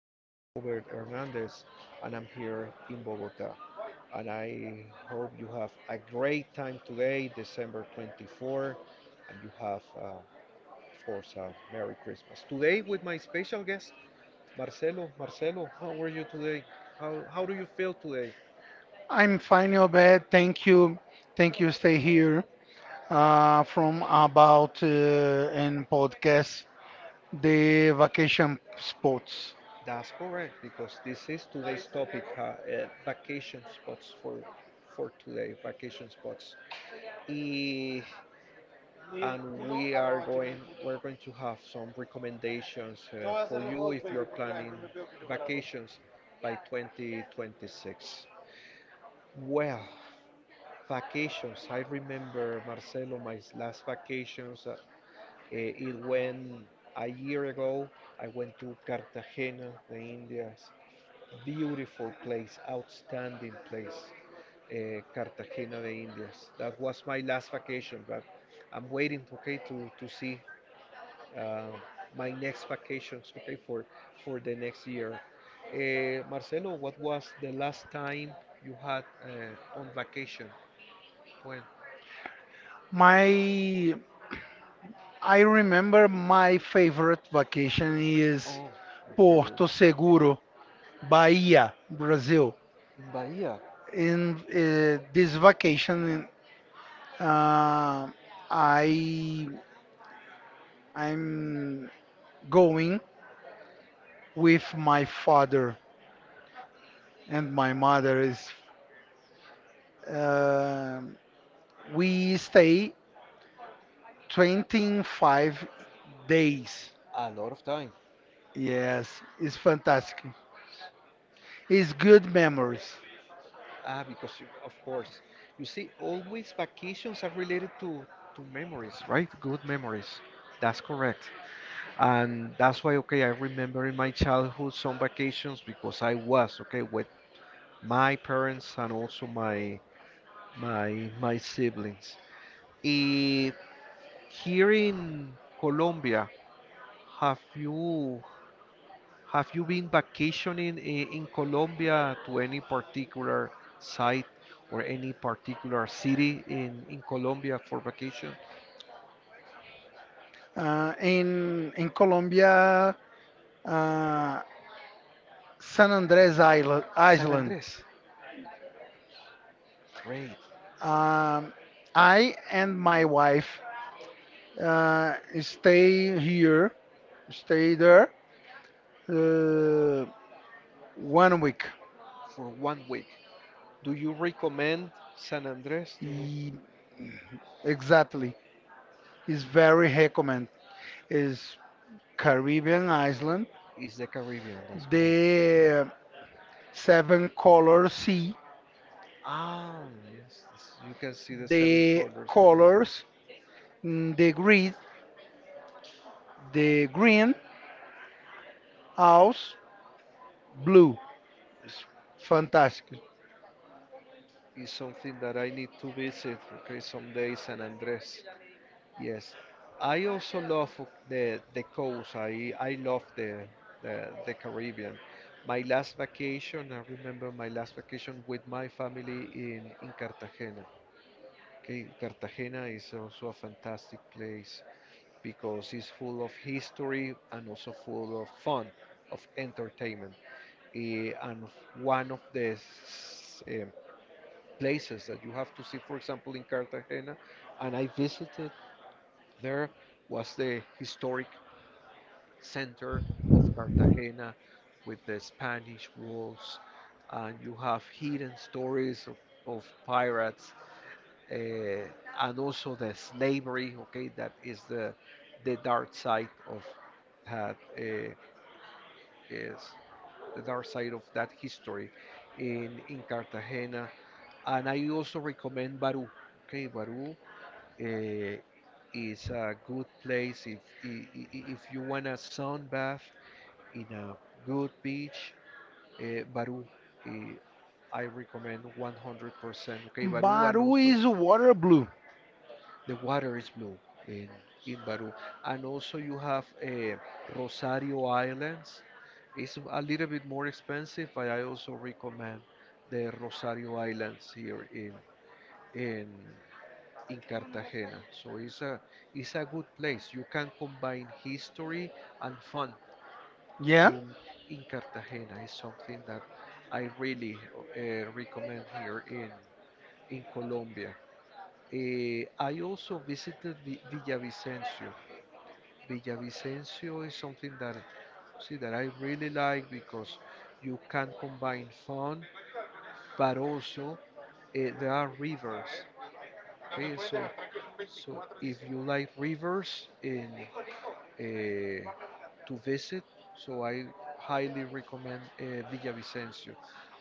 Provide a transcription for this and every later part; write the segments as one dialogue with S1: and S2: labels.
S1: I'm Robert Hernandez and I'm here in Bogota. And I hope you have a great time today, December 24, and you have, of course, a Merry Christmas. Today, with my special guest, Marcelo. Marcelo, how are you today? How do you feel today?
S2: I'm fine, Obed. Thank you. Thank you. Stay here from about and podcast
S1: Uh,
S2: the vacation spots.
S1: That's correct because this is today's topic, vacation spots for today, vacation spots. Eh, and we are going we're going to have some recommendations for you if you're planning vacations by 2026. Well, vacations. I remember Marcelo, my last vacations. It went a year ago. I went to Cartagena, the Indias, beautiful place, outstanding place, Cartagena de Indias. That was my last vacation, but I'm waiting, okay, to see uh, my next vacations, okay, for the next year. Marcelo, what was the last time you had on vacation? When?
S2: My I remember my favorite vacation is
S1: Oh, in February.
S2: Porto Seguro, Bahia, Brazil.
S1: In Bahia.
S2: In this vacation, uh, I I'm going with my father and my mother is
S1: Uh,
S2: Um,
S1: we
S2: we
S1: stayed
S2: stay
S1: 25
S2: 25
S1: days.
S2: days.
S1: A lot of time. Yes,
S2: Yes, it's
S1: it's fantastic.
S2: fantastic.
S1: It's
S2: It's
S1: good
S2: good
S1: memories.
S2: memories.
S1: Ah, because you, of course, you see, always vacations are related to memories, right? Good memories. That's correct. And that's why, okay, I remember in my childhood some vacations because I was, okay, with my parents and also my siblings. Eh, Here in Colombia, have you have you been vacationing in Colombia to any particular site or any particular city in Colombia for vacation?
S2: In Colombia, uh, San Andres Isla-
S1: San
S2: Island,
S1: Andres. Great.
S2: um, I and my wife uh, stay here, stay there uh, 1 week.
S1: For 1 week. Do you recommend San Andres to
S2: E- Exactly. It's very recommend. It's Caribbean island,
S1: It's the Caribbean, that's correct.
S2: the seven color sea,
S1: Ah, yes, you can see the seven
S2: the
S1: colors. Colors are
S2: colors, the grid, the green, house, blue. It's fantastic.
S1: it's something that I need to visit, okay, someday San Andres. Yes. I also love the coast. I love the the Caribbean. My last vacation, I remember my last vacation with my family in Cartagena. Okay, Cartagena is also a fantastic place, because it's full of history and also full of fun, of entertainment. And one of the places that you have to see, for example, in Cartagena, and I visited there, was the historic center of Cartagena with the Spanish walls. And you have hidden stories of pirates uh, and also the slavery. Okay, that is the dark side of that is the dark side of that history in Cartagena. And I also recommend Barú. Okay, Barú uh, is a good place if I- I- if you want a sunbath in a good beach. Barú, uh, I recommend 100%. Okay, Barú and
S2: Baru
S1: also.
S2: is water blue.
S1: The water is blue in in Baru, and also you have Rosario Islands. It's a little bit more expensive, but I also recommend the Rosario Islands here in in Cartagena. So it's a good place. You can combine history and fun
S2: Yeah,
S1: in in Cartagena. It's something that I really recommend here in Colombia. I also visited Villavicencio. Villavicencio is something that see that I really like because you can combine fun, but also there are rivers. Okay, so if you like rivers in eh, to visit, so I highly recommend Villavicencio.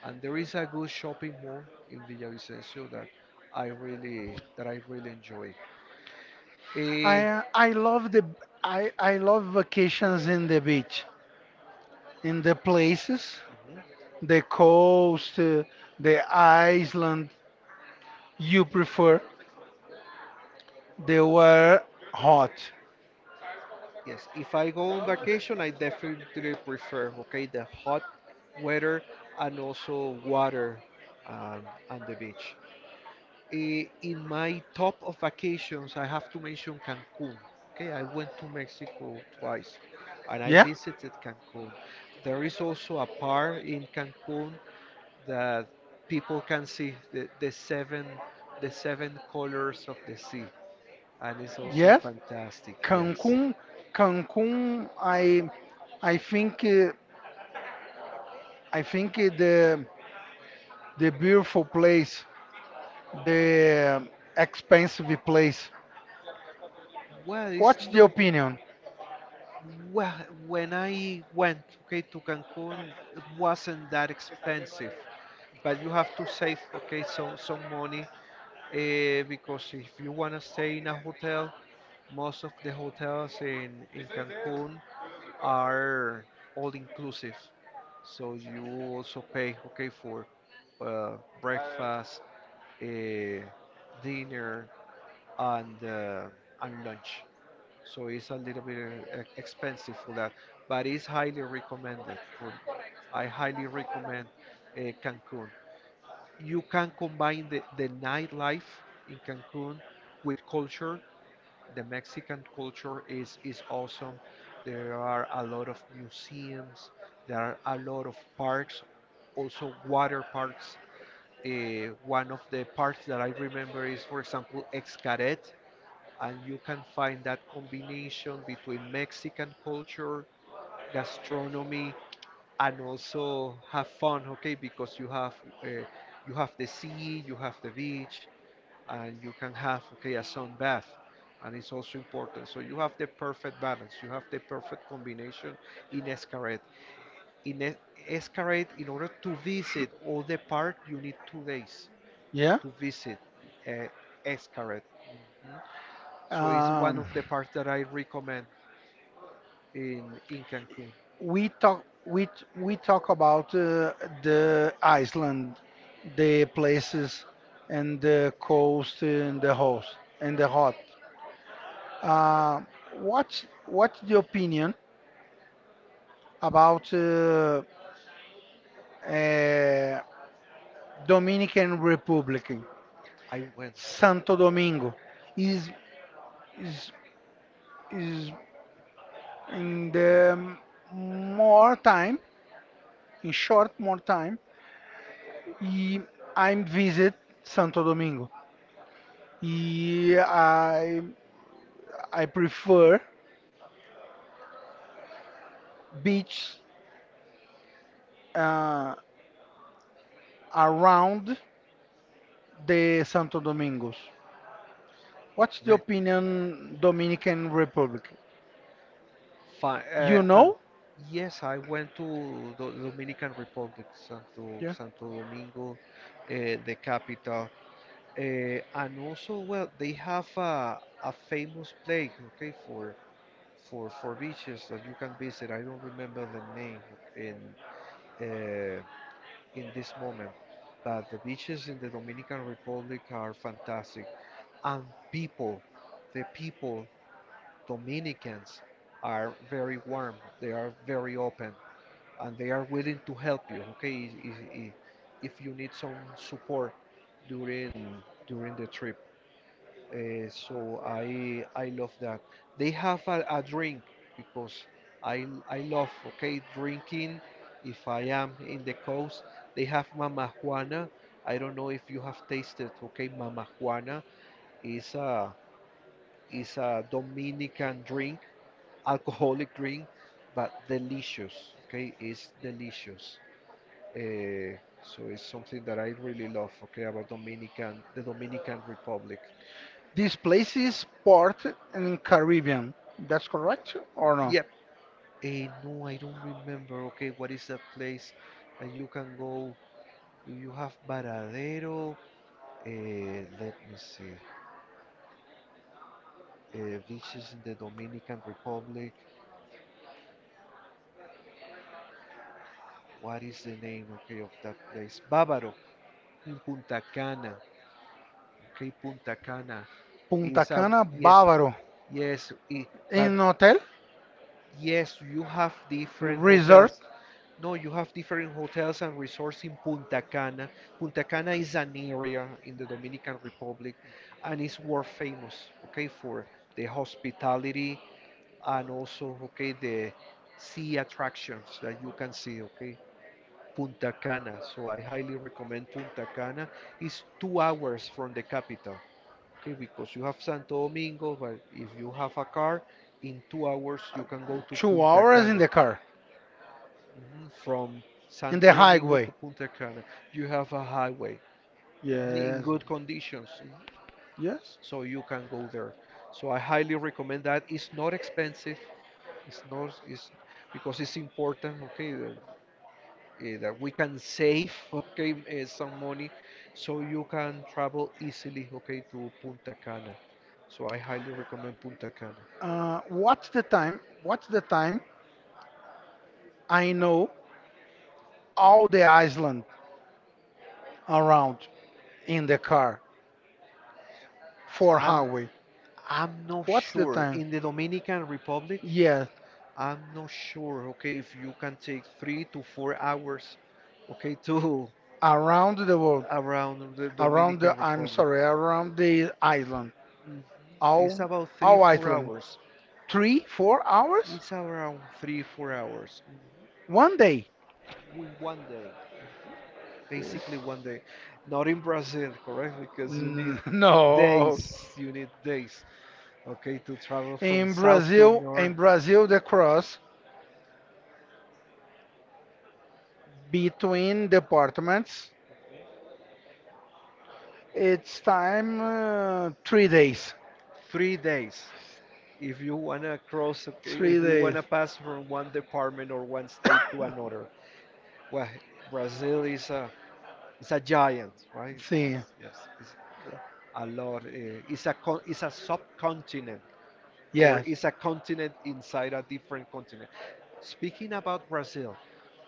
S1: And there is a good shopping mall in Villavicencio that I really enjoy. Eh,
S2: I love the I love vacations in the beach,
S1: in
S2: in the
S1: the places,
S2: places,
S1: hmm, the
S2: the
S1: cold
S2: coast,
S1: steel, the
S2: the
S1: island
S2: island you
S1: you
S2: prefer.
S1: prefer the
S2: They were
S1: hot.
S2: hot.
S1: Yes, if I go on vacation, I definitely prefer, okay, the hot weather and also water and the beach. In my top of vacations, I have to mention Cancun. Okay, I went to Mexico twice and I Yeah?
S2: Yeah,
S1: visited Cancun. There is also a park in Cancun that people can see the seven colors of the sea, and it's also
S2: yes.
S1: fantastic, yes,
S2: Cancun, Cancun, I, I think, uh, the beautiful place, the expensive place.
S1: well it's
S2: What's the
S1: not,
S2: opinion?
S1: well when I went, okay, to Cancun it wasn't that expensive, but you have to save, okay, some money because if you want to stay in a hotel. Most of the hotels in Cancun are all inclusive. So you also pay, okay, for uh, breakfast, uh, dinner, and uh, and lunch. So it's a little bit expensive for that, but it's highly recommended. For I highly recommend Cancun. You can combine the nightlife in Cancun with culture. The Mexican culture is awesome. There are a lot of museums. There are a lot of parks, also water parks. Eh, one of the parks that I remember is, for example, Xcaret, and you can find that combination between Mexican culture, gastronomy, and also have fun. Okay, because uh, you have the sea, you have the beach, and you can have, okay, a sun bath, and it's also important. So you have the perfect balance, you have the perfect combination in Escaret. in Es- Escaret, in order to visit all the park you need 2 days. Yeah,
S2: Yeah.
S1: to visit uh, Escaret, so it's one
S2: Um,
S1: of the parks that I recommend in Cancun.
S2: we talk, we t- we talk about
S1: Uh,
S2: the Iceland, the places, and the coast and the host and the hot. Uh, what's the opinion about?
S1: after
S2: Uh,
S1: Dominican
S2: Dominican
S1: Republic.
S2: Republic,
S1: I went. Santo
S2: Santo
S1: Domingo.
S2: Domingo, is is is in
S1: And uh,
S2: the
S1: more
S2: more
S1: time,
S2: time, in short more time,
S1: I
S2: I am visit
S1: visit some
S2: Santo
S1: beach
S2: Domingo.
S1: uh,
S2: Y- I I, prefer beach uh, around the Santo Domingos. What's the
S1: right.
S2: opinion Dominican Republic?
S1: Fun,
S2: You
S1: fun.
S2: know?
S1: Yes, I went to the Dominican Republic, Santo Domingo, the capital, and also well, they have a famous place, okay, for for beaches that you can visit. I don't remember the name in uh, in this moment, but the beaches in the Dominican Republic are fantastic, and people, the people, Dominicans are very warm. They are very open, and they are willing to help you. Okay, if you need some support during during the trip. So I love that. They have a drink because I love, okay, drinking. If I am in the coast, they have Mama Juana. I don't know if you have tasted, okay, Mama Juana. Is a is a Dominican drink, alcoholic drink, but delicious. Okay, it's delicious. Uh, so it's something that I really love. Okay, about Dominican the Dominican Republic.
S2: This place is port in Caribbean. That's correct or no?
S1: Yep. Eh, no, I don't remember. Okay, what is that place that you can go? You have Varadero. Eh, let me see. Eh, beaches in the Dominican Republic. What is the name, okay, of that place? Bávaro in Punta Cana. Okay, Punta Cana
S2: Punta
S1: is a
S2: Cana
S1: yes,
S2: Bávaro.
S1: yes. I- but
S2: In hotel,
S1: yes, you have different
S2: resort,
S1: hotels. No, you have different hotels and resorts in Punta Cana. Punta Cana is an area in the Dominican Republic and is world famous, okay, for the hospitality and also, okay, the sea attractions that you can see, okay. Punta Cana. So I highly recommend Punta Cana. It's 2 hours from the capital, okay, because you have Santo Domingo, but if you have a car, in 2 hours you can go to
S2: two
S1: Punta
S2: hours in
S1: Cana.
S2: the car,
S1: Mhm, from
S2: in the
S1: Santo Domingo to
S2: highway.
S1: Punta Cana, you have a highway, mhm, in
S2: Yes,
S1: good conditions, mhm,
S2: yes.
S1: so you can go there. So I highly recommend that. It's not expensive. It's not. It's because it's important. Okay, that, that we can save. Okay, eh, some money, so you can travel easily. Okay, to Punta Cana. So I highly recommend Punta Cana.
S2: What's the time? I know
S1: I
S2: all the island around in the car for
S1: I'm
S2: highway.
S1: I'm not
S2: What's the
S1: sure.
S2: time?
S1: In the Dominican Republic,
S2: Yes,
S1: I'm not sure. Okay, if you can take 3 to 4 hours, okay, to
S2: around the world,
S1: around the
S2: around the.
S1: Dominican
S2: I'm
S1: Republic.
S2: sorry, around
S1: Mhm.
S2: the island.
S1: It's
S2: All,
S1: about three,
S2: all
S1: four
S2: island.
S1: hours.
S2: Three, 4 hours?
S1: It's around three, 4 hours.
S2: One day?
S1: One day, basically one day. Not in Brazil, correct? Because you need
S2: N- No.
S1: days. You need days, okay, to travel from south to north.
S2: In Brazil, the cross
S1: Be paying
S2: between
S1: the
S2: departments,
S1: it's
S2: it's
S1: five,
S2: time three
S1: 3 days.
S2: days.
S1: 3 days, if you want to cross
S2: Three
S1: if you
S2: days.
S1: want to pass from one department or one state to another. Well, Brazil is a, it's a giant, right? See,
S2: See,
S1: it's, yes, it's a lot, it's a subcontinent, yes, or
S2: yes.
S1: it's a continent inside a different continent. Speaking about Brazil,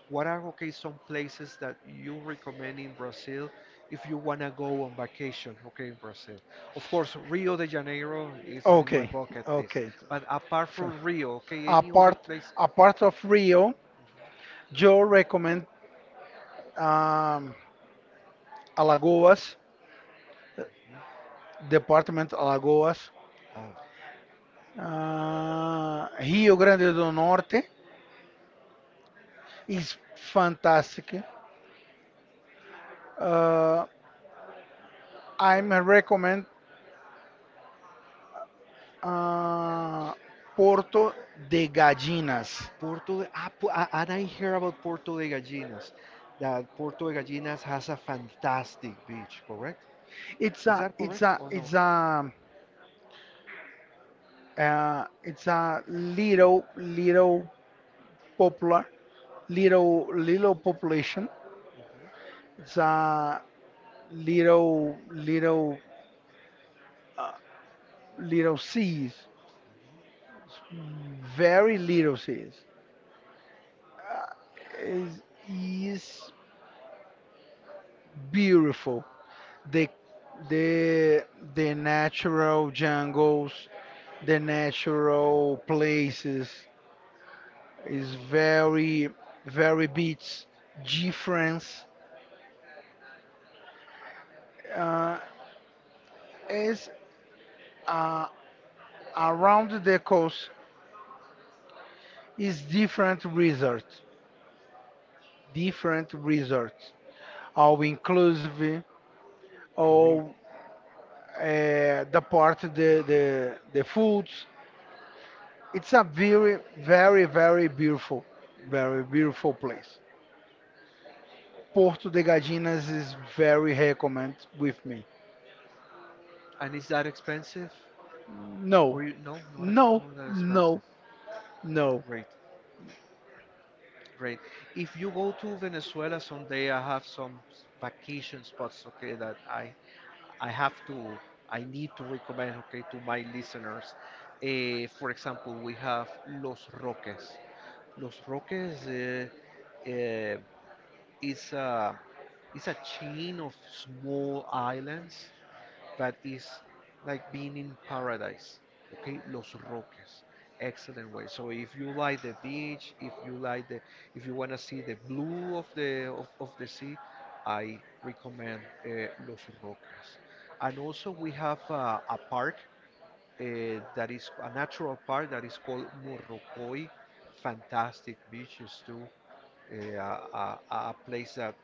S1: what are, okay, some places that you recommend in Brazil if you wanna go on vacation, okay, in Brazil? Of course, Rio de Janeiro is in my
S2: Okay,
S1: bucket list,
S2: okay.
S1: but apart
S2: So,
S1: from Rio, okay, any other
S2: apart
S1: place?
S2: apart of Rio, Joe recommend um, Alagoas, Department Alagoas, Rio Grande do Norte is fantastic. Uh, I
S1: Ah.
S2: recommend uh,
S1: Puerto
S2: Porto de
S1: de
S2: Galinhas.
S1: ah, and I hear about Puerto de Gallinas. That Puerto de Gallinas has a fantastic beach, correct?
S2: It's
S1: Is
S2: a
S1: that
S2: it's
S1: correct
S2: a
S1: or
S2: it's
S1: no?
S2: a it's a little popular
S1: It's
S2: little population the little little little seeds, very little seeds. Is is beautiful. The the the natural jungles, the natural places is very
S1: very,
S2: very
S1: very rich,
S2: beach
S1: different,
S2: difference uh, is uh,
S1: and one
S2: around the
S1: decade is
S2: coast is
S1: river.
S2: different resort all inclusive,
S1: Great.
S2: all the part
S1: The
S2: the
S1: food,
S2: foods. It's a
S1: very food.
S2: very beautiful place. Porto de Galinhas is very recommend with me.
S1: And is that expensive? No,
S2: No,
S1: or you no, not ex
S2: no,
S1: no, not that expensive.
S2: no,
S1: No.
S2: no.
S1: Great, great. If you go to Venezuela someday, I have some vacation spots, okay, that I have to, I need to recommend, okay, to my listeners. For example, we have Los Roques. Los Roques, is a is a chain of small islands, but it's like being in paradise. Okay, Los Roques, excellent way. So if you like the beach, if you like if you wanna see the blue of of the sea, I recommend Los Roques. And also we have a park uh, that is a natural park that is called Morrocoy. Fantastic beaches too. A place that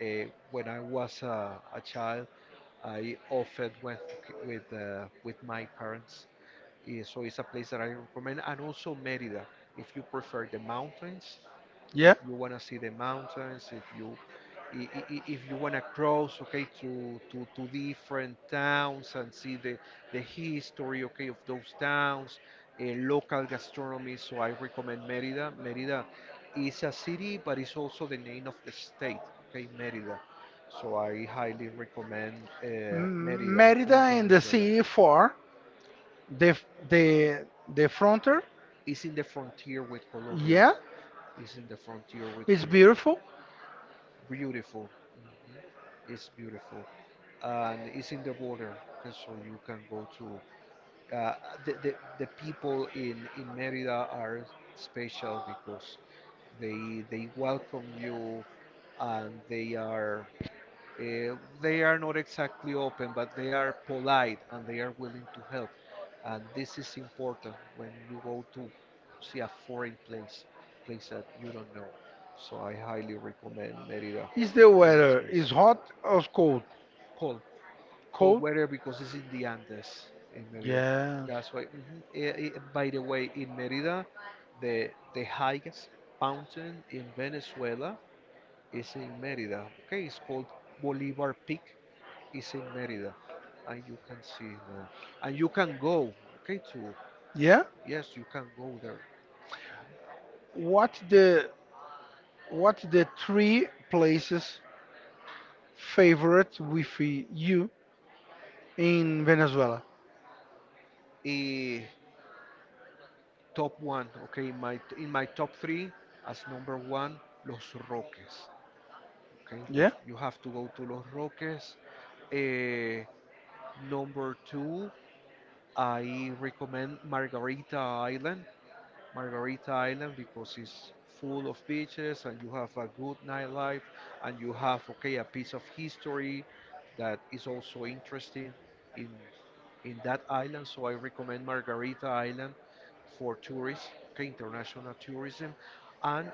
S1: when I was a child, I often went with my parents. So it's a place that I recommend, and also Merida if you prefer the mountains, if,
S2: Yeah,
S1: yeah, you want to see the mountains, if you I- if you want to cross, okay, to different towns and see the history, okay, of those towns, uh, local gastronomy. So I recommend Mérida. Mérida is a city, but it's also the name of the state, okay, Mérida. So I highly recommend Mérida in
S2: Mérida and the
S1: Venezuela.
S2: city for the the the frontier.
S1: It's in the frontier with Colombia.
S2: Yeah,
S1: It's in the frontier with
S2: it's
S1: Colombia.
S2: beautiful.
S1: Beautiful. Mhm. It's beautiful, and it's in the border, 'cause so you can go to. Uh, the people in Merida are special because they welcome you, and uh, they are not exactly open, but they are polite and they are willing to help. And this is important when you go to see a foreign place, place that you don't know. So I highly recommend Merida
S2: Is the
S1: in this
S2: weather is
S1: case.
S2: hot or cold?
S1: Cold. Cold
S2: Cold.
S1: weather because it's in the Andes in Merida.
S2: Yes.
S1: That's why. Mhm. By the way, in Merida, the highest mountain in Venezuela is in Merida. Okay, it's called Bolivar Peak, is in Merida, and you can see the, and you can go, okay, to. Yeah.
S2: Yeah.
S1: Yes, you can go there.
S2: What
S1: The
S2: the what the three places favorite with you in Venezuela?
S1: Eh, Top one, okay, in my top three as number one, Los Roques. Okay, yeah.
S2: Yeah,
S1: You have to go to Los Roques. Eh, Number two, I recommend Margarita Island. Margarita Island because it's full of beaches and you have a good nightlife and you have, okay, a piece of history that is also interesting in in that island. So I recommend Margarita Island for tourists, okay, international tourism, and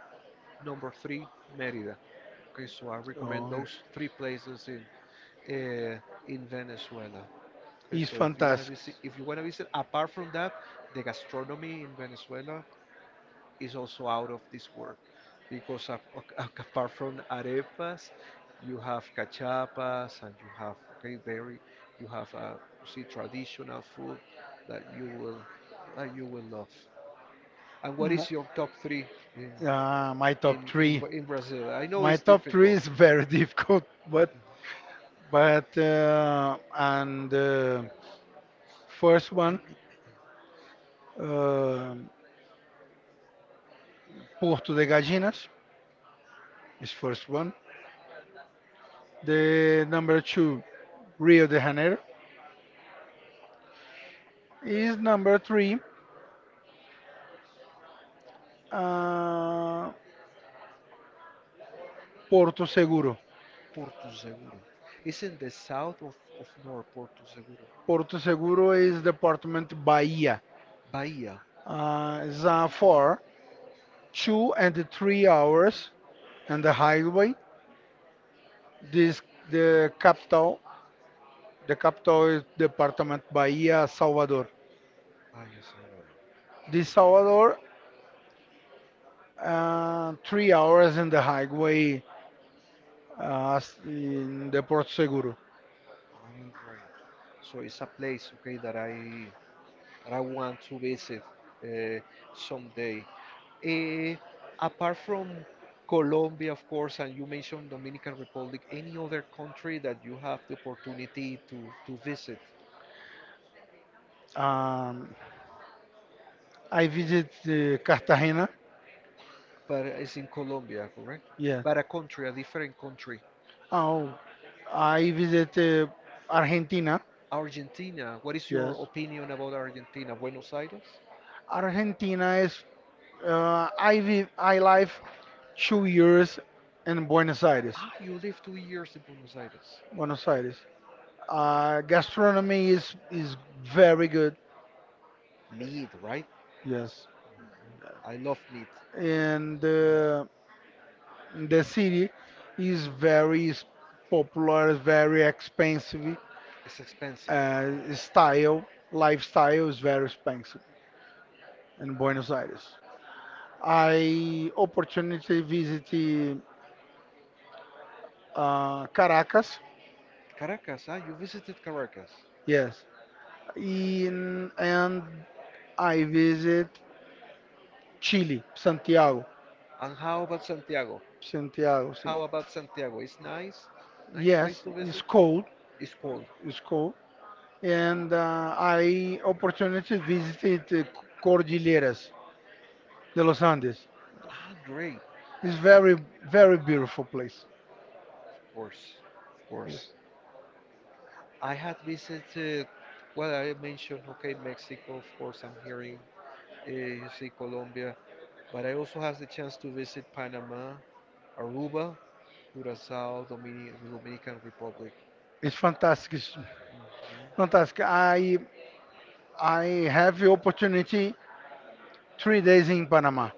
S1: number three, Merida. Okay, so I recommend
S2: oh,
S1: those three places uh, in Venezuela. Okay,
S2: it's
S1: so if you wanna
S2: fantastic.
S1: visit, if you wanna visit, apart from that, the gastronomy in Venezuela is also out of this world because of, apart from arepas, you have cachapas and you have, okay, very, you have see, traditional food that you will that you will love. And what
S2: Mo-
S1: is your top three in
S2: Uh, my top
S1: in in,
S2: three,
S1: Bra- in Brazil? I know
S2: my
S1: it's
S2: top three is
S1: difficult.
S2: very difficult, but and first one, uh, Porto de Gallinas is first one. The number two, Rio de Janeiro is number three, uh, Porto Seguro.
S1: Porto Seguro. It's in the south of North Porto Seguro.
S2: Porto Seguro is department Bahia.
S1: Bahia.
S2: It's for 2 and 3 hours on the highway. This the capital. The capital is department Bahia, Salvador.
S1: Bahia Seguro.
S2: This Salvador, 3 hours in the highway in the Porto Seguro.
S1: All right. So it's a place, okay, that I want to visit uh, someday. Eh, Apart from Colombia, of course, and you mentioned Dominican Republic, any other country that you have the opportunity to visit,
S2: Um, I visit Cartagena.
S1: but it's in Colombia, correct?
S2: Yeah.
S1: But a country, a different country.
S2: Oh, I visit Argentina.
S1: Argentina, what is your
S2: Yes.
S1: opinion about Argentina? Buenos Aires?
S2: Argentina is I live 2 years in Buenos Aires.
S1: Ah, you lived 2 years in Buenos Aires.
S2: Buenos Aires. Uh, gastronomy
S1: Um,
S2: is is
S1: well,
S2: very good.
S1: meat, right?
S2: Yes,
S1: I love meat.
S2: and the city is popular, very expensive.
S1: It's expensive.
S2: Style lifestyle is very expensive in Buenos Aires. I opportunity visit
S1: Uh,
S2: Caracas.
S1: Caracas, huh? You visited Caracas. Yes,
S2: Yes, In, and
S1: and
S2: I visit Chile, Santiago.
S1: how about Santiago?
S2: Santiago, see.
S1: How about Santiago? It's nice. Nice, yeah, place
S2: Yes,
S1: to
S2: it's
S1: visit.
S2: cold.
S1: It's cold. And
S2: It's cold. And
S1: I
S2: I
S1: opportunity to
S2: opportunity
S1: speak
S2: visited
S1: with George Gutierrez
S2: Cordilleras
S1: de
S2: de
S1: Los
S2: los
S1: Angeles.
S2: Andes.
S1: Ah, great.
S2: It's
S1: It's very,
S2: very,
S1: very
S2: very
S1: good.
S2: beautiful place.
S1: Of course, of course.
S2: Yes.
S1: I had visited, well, I mentioned, okay, Mexico, of course, I'm hearing, you see Colombia, but I also had the chance to visit Panama, Aruba, Curacao, Dominic the Dominican Republic.
S2: It's
S1: It's
S2: fantastic.
S1: fantastic.
S2: It's
S1: Mhm.
S2: fantastic.
S1: Fantastic. I,
S2: I
S1: I had
S2: have the
S1: the opportunity
S2: opportunity three
S1: 3 days.
S2: days in Panama.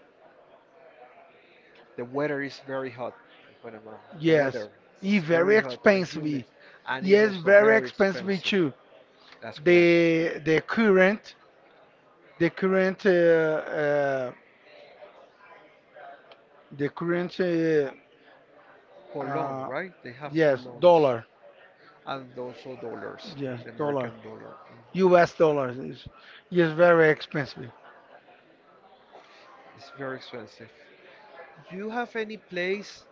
S1: The weather is very hot in Panama. The
S2: Yes.
S1: weather
S2: E
S1: is
S2: very
S1: very hot and humid,
S2: expensive.
S1: and it's
S2: Yes,
S1: also
S2: very
S1: very
S2: expensive
S1: expensive.
S2: too.
S1: That's correct.
S2: The current the current uh, the current
S1: Colon,
S2: uh,
S1: right? They have
S2: yes
S1: colons
S2: dollar
S1: and also dollars,
S2: yes
S1: the American
S2: dollar
S1: dollar.
S2: U.S. dollar is very expensive.
S1: It's very expensive. Do you have any place,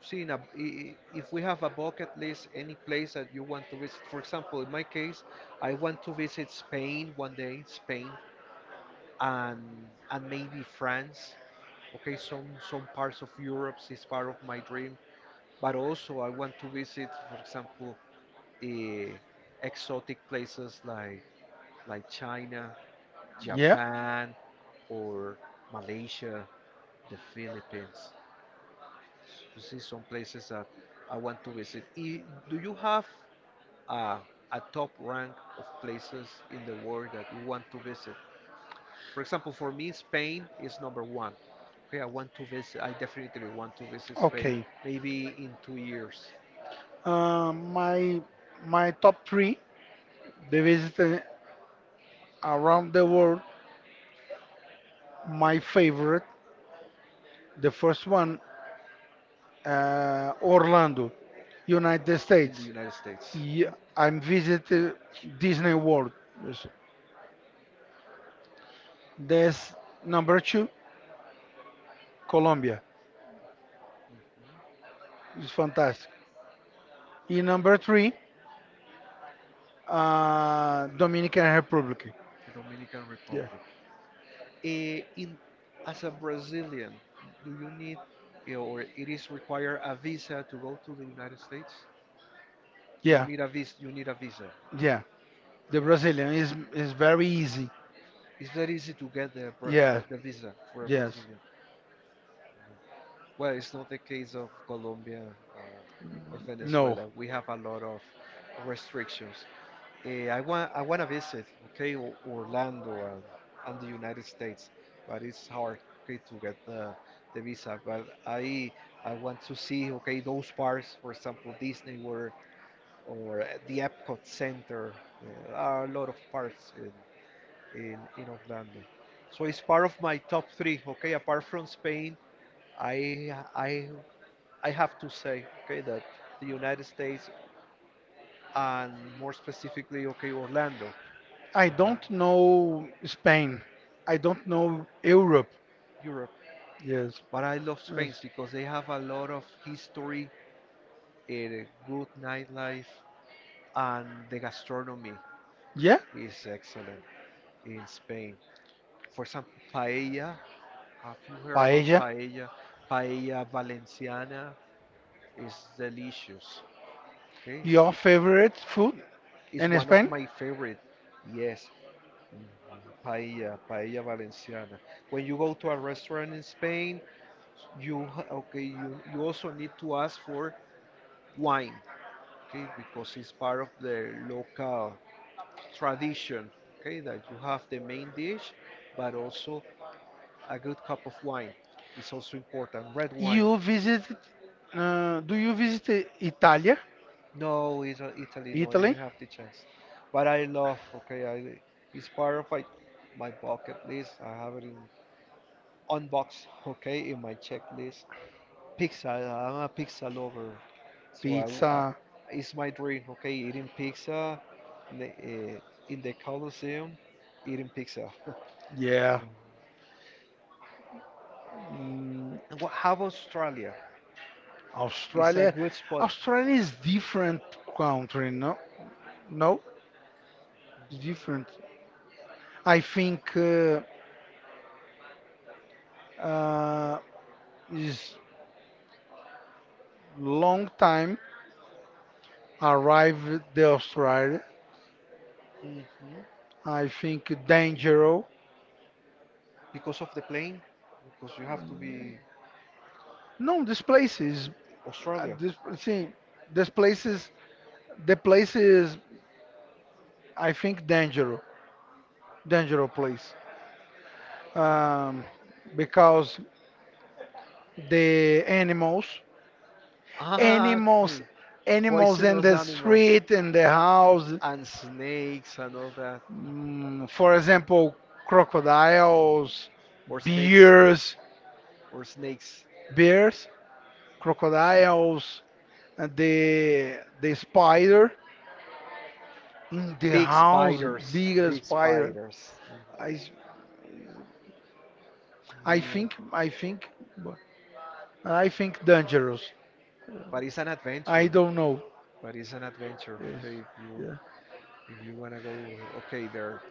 S1: see, in a, I- if we have a bucket list, any place that you want to visit, for example, in my case, I want to visit Spain one day, Spain, and maybe France. Okay, some parts of Europe is part of my dream, but also I want to visit, for example, eh, exotic places like China,
S2: Yeah.
S1: Japan, or Malaysia, the Philippines. To see some places that I want to visit. Do you have uh, a top rank of places in the world that you want to visit? For example, for me, Spain is number one. Okay, I want to visit. I definitely want to visit Spain.
S2: Okay.
S1: Maybe in 2 years.
S2: Uh, my my top three the visit around the world. My favorite the first one Orlando, United
S1: In the
S2: States.
S1: United States.
S2: Ye- I'm visited Disney World. Yes. That's number two. Colombia is fantastic. In number three, Dominican Republic.
S1: The Dominican
S2: Yeah,
S1: Republic. Eh, in As a Brazilian, do you need, or it is required, a visa to go to the United States? Yeah. You
S2: yeah,
S1: need a visa. You need a visa. Yeah.
S2: yeah. The Brazilian is very easy.
S1: It's very easy to get the, yeah,
S2: Yeah,
S1: the visa for a, yeah,
S2: yes.
S1: Brazilian. Well, it's not the case of Colombia or
S2: No,
S1: Venezuela. We have a lot of restrictions. I want to visit, okay, Orlando and the United States, but it's hard, okay, to get the visa. But I want to see, okay, those parks, for example, Disney World or the Epcot Center. There are a lot of parks in Orlando, so it's part of my top three, okay. Apart from Spain, I I I have to say, okay, that the United States and more specifically, okay, Orlando.
S2: I don't know Spain. I don't know Europe.
S1: Europe.
S2: Yes,
S1: But I love
S2: yes.
S1: Spain because they have a lot of history, a good nightlife, and the gastronomy, yeah,
S2: Yeah,
S1: is excellent in Spain. For example, paella. Have you heard about
S2: paella.
S1: paella? Valenciana is delicious. Okay, it's,
S2: Your
S1: your favorite,
S2: favorite food
S1: it's
S2: in
S1: one of
S2: Spain?
S1: my favorite. Yes, mhm, paella Valenciana. When you go to a restaurant in Spain, okay, you also need to ask for wine, okay, because it's part of the local tradition, okay, that you have the main dish but also a good cup of wine. It's also important, red wine.
S2: You visited? Do you visit Italy?
S1: No, it's Italy. No, I
S2: Italy?
S1: didn't have the chance, but I love, okay, I it's part of my bucket list. I have it in on box, okay, in my checklist. Pizza. I'm a pizza lover, so
S2: Pizza.
S1: it's my dream. Okay, eating pizza in the, uh, in the Coliseum, eating pizza.
S2: Yeah. Mm,
S1: And what? How about Australia? It's a
S2: Australia.
S1: good spot.
S2: Australia is different country, no? No, it's different. I think uh, is long time arrived the Australia.
S1: hmm
S2: I think dangerous.
S1: Because of the plane, because you have to be,
S2: No, this place is uh,
S1: Australia.
S2: this see this place is the place is I think dangerous, dangerous place. Um, because the animals
S1: Ah,
S2: animals
S1: okay.
S2: animals in
S1: Poisonous
S2: the
S1: animals
S2: street in the house
S1: and snakes and all that.
S2: for example crocodiles
S1: Or snakes.
S2: bears
S1: Or snakes.
S2: bears crocodiles and the spider in the
S1: Big
S2: house
S1: spiders.
S2: bigger
S1: Big
S2: spider
S1: spiders.
S2: I s- I
S1: Mhm.
S2: think I think I think dangerous.
S1: But it's an
S2: I
S1: adventure.
S2: don't know.
S1: But it's an adventure.
S2: Yes.
S1: Okay, if you
S2: Yeah.
S1: if you wanna go, okay, there.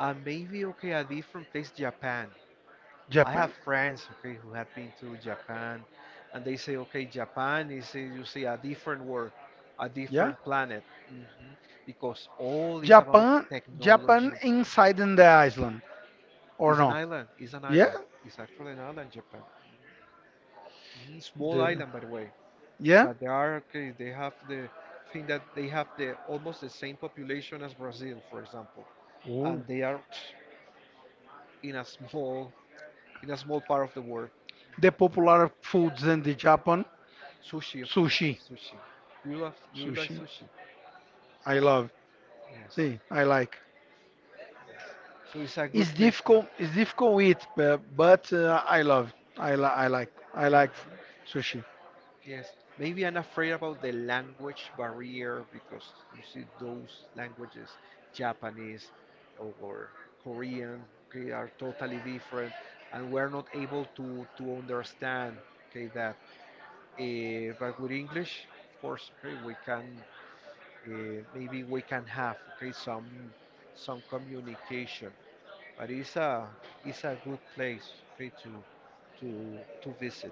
S1: And maybe, okay, a different place, Japan. I have
S2: Japan.
S1: friends, okay, who have been to Japan, and they say, okay, Japan is, you see, a different world, a
S2: Yeah.
S1: different planet, because all is about
S2: Japan. Japan
S1: technology.
S2: inside in the island or
S1: It's an
S2: no?
S1: island. It's an
S2: Yeah.
S1: island. It's actually an island, Japan. Mhm, small
S2: The
S1: island, by the way.
S2: yeah.
S1: But they are okay. They have the thing that they have the almost the same population as Brazil, for example,
S2: Oh.
S1: and they are in a small in a small part of the world.
S2: The popular foods in the Japan
S1: Sushi, of course.
S2: sushi.
S1: Sushi. Do you love? Do you like
S2: Sushi.
S1: sushi? I
S2: I
S1: love.
S2: love.
S1: Yes.
S2: See, I like.
S1: So it's a good
S2: It's
S1: place to.
S2: difficult. It's difficult to eat, but I love. I like. I
S1: Like.
S2: like
S1: Mhm.
S2: sushi.
S1: Yes. Maybe I'm afraid about the language barrier because you see those languages, Japanese or Korean, okay, are totally different, and we're not able to understand, okay, that. But with English, of course, okay, we can have, okay, some communication. But it's a good place, okay, to visit.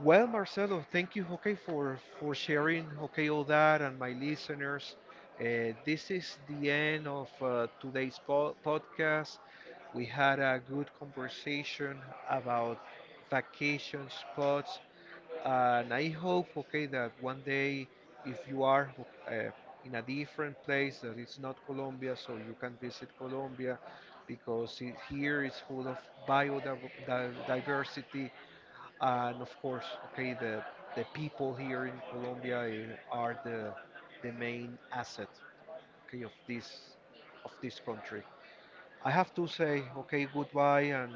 S1: Well, Marcelo, thank you, okay, for sharing, okay, all that, and my listeners. This is the end of today's po podcast. We had a good conversation about vacation spots, and I hope, okay, that one day, if you are uh, in a different place that it's not Colombia, so you can visit Colombia because it, here is full of biodiversity, and of course, okay, the people here in Colombia, are the main asset, okay, of this country. I have to say, okay, goodbye, and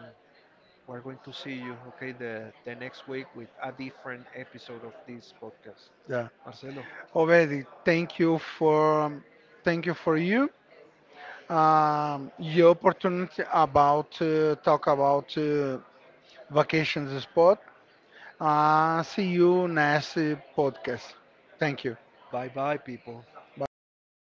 S1: we're going to see you, okay, the next week with a different episode of this podcast.
S2: Yeah.
S1: Marcelo, okay,
S2: Already.
S1: thank
S2: Thank
S1: you.
S2: you for. Thank you for you. Your opportunity about talk about vacations spot. See you next podcast. Thank you.
S1: Bye bye, people.
S2: Bye bye.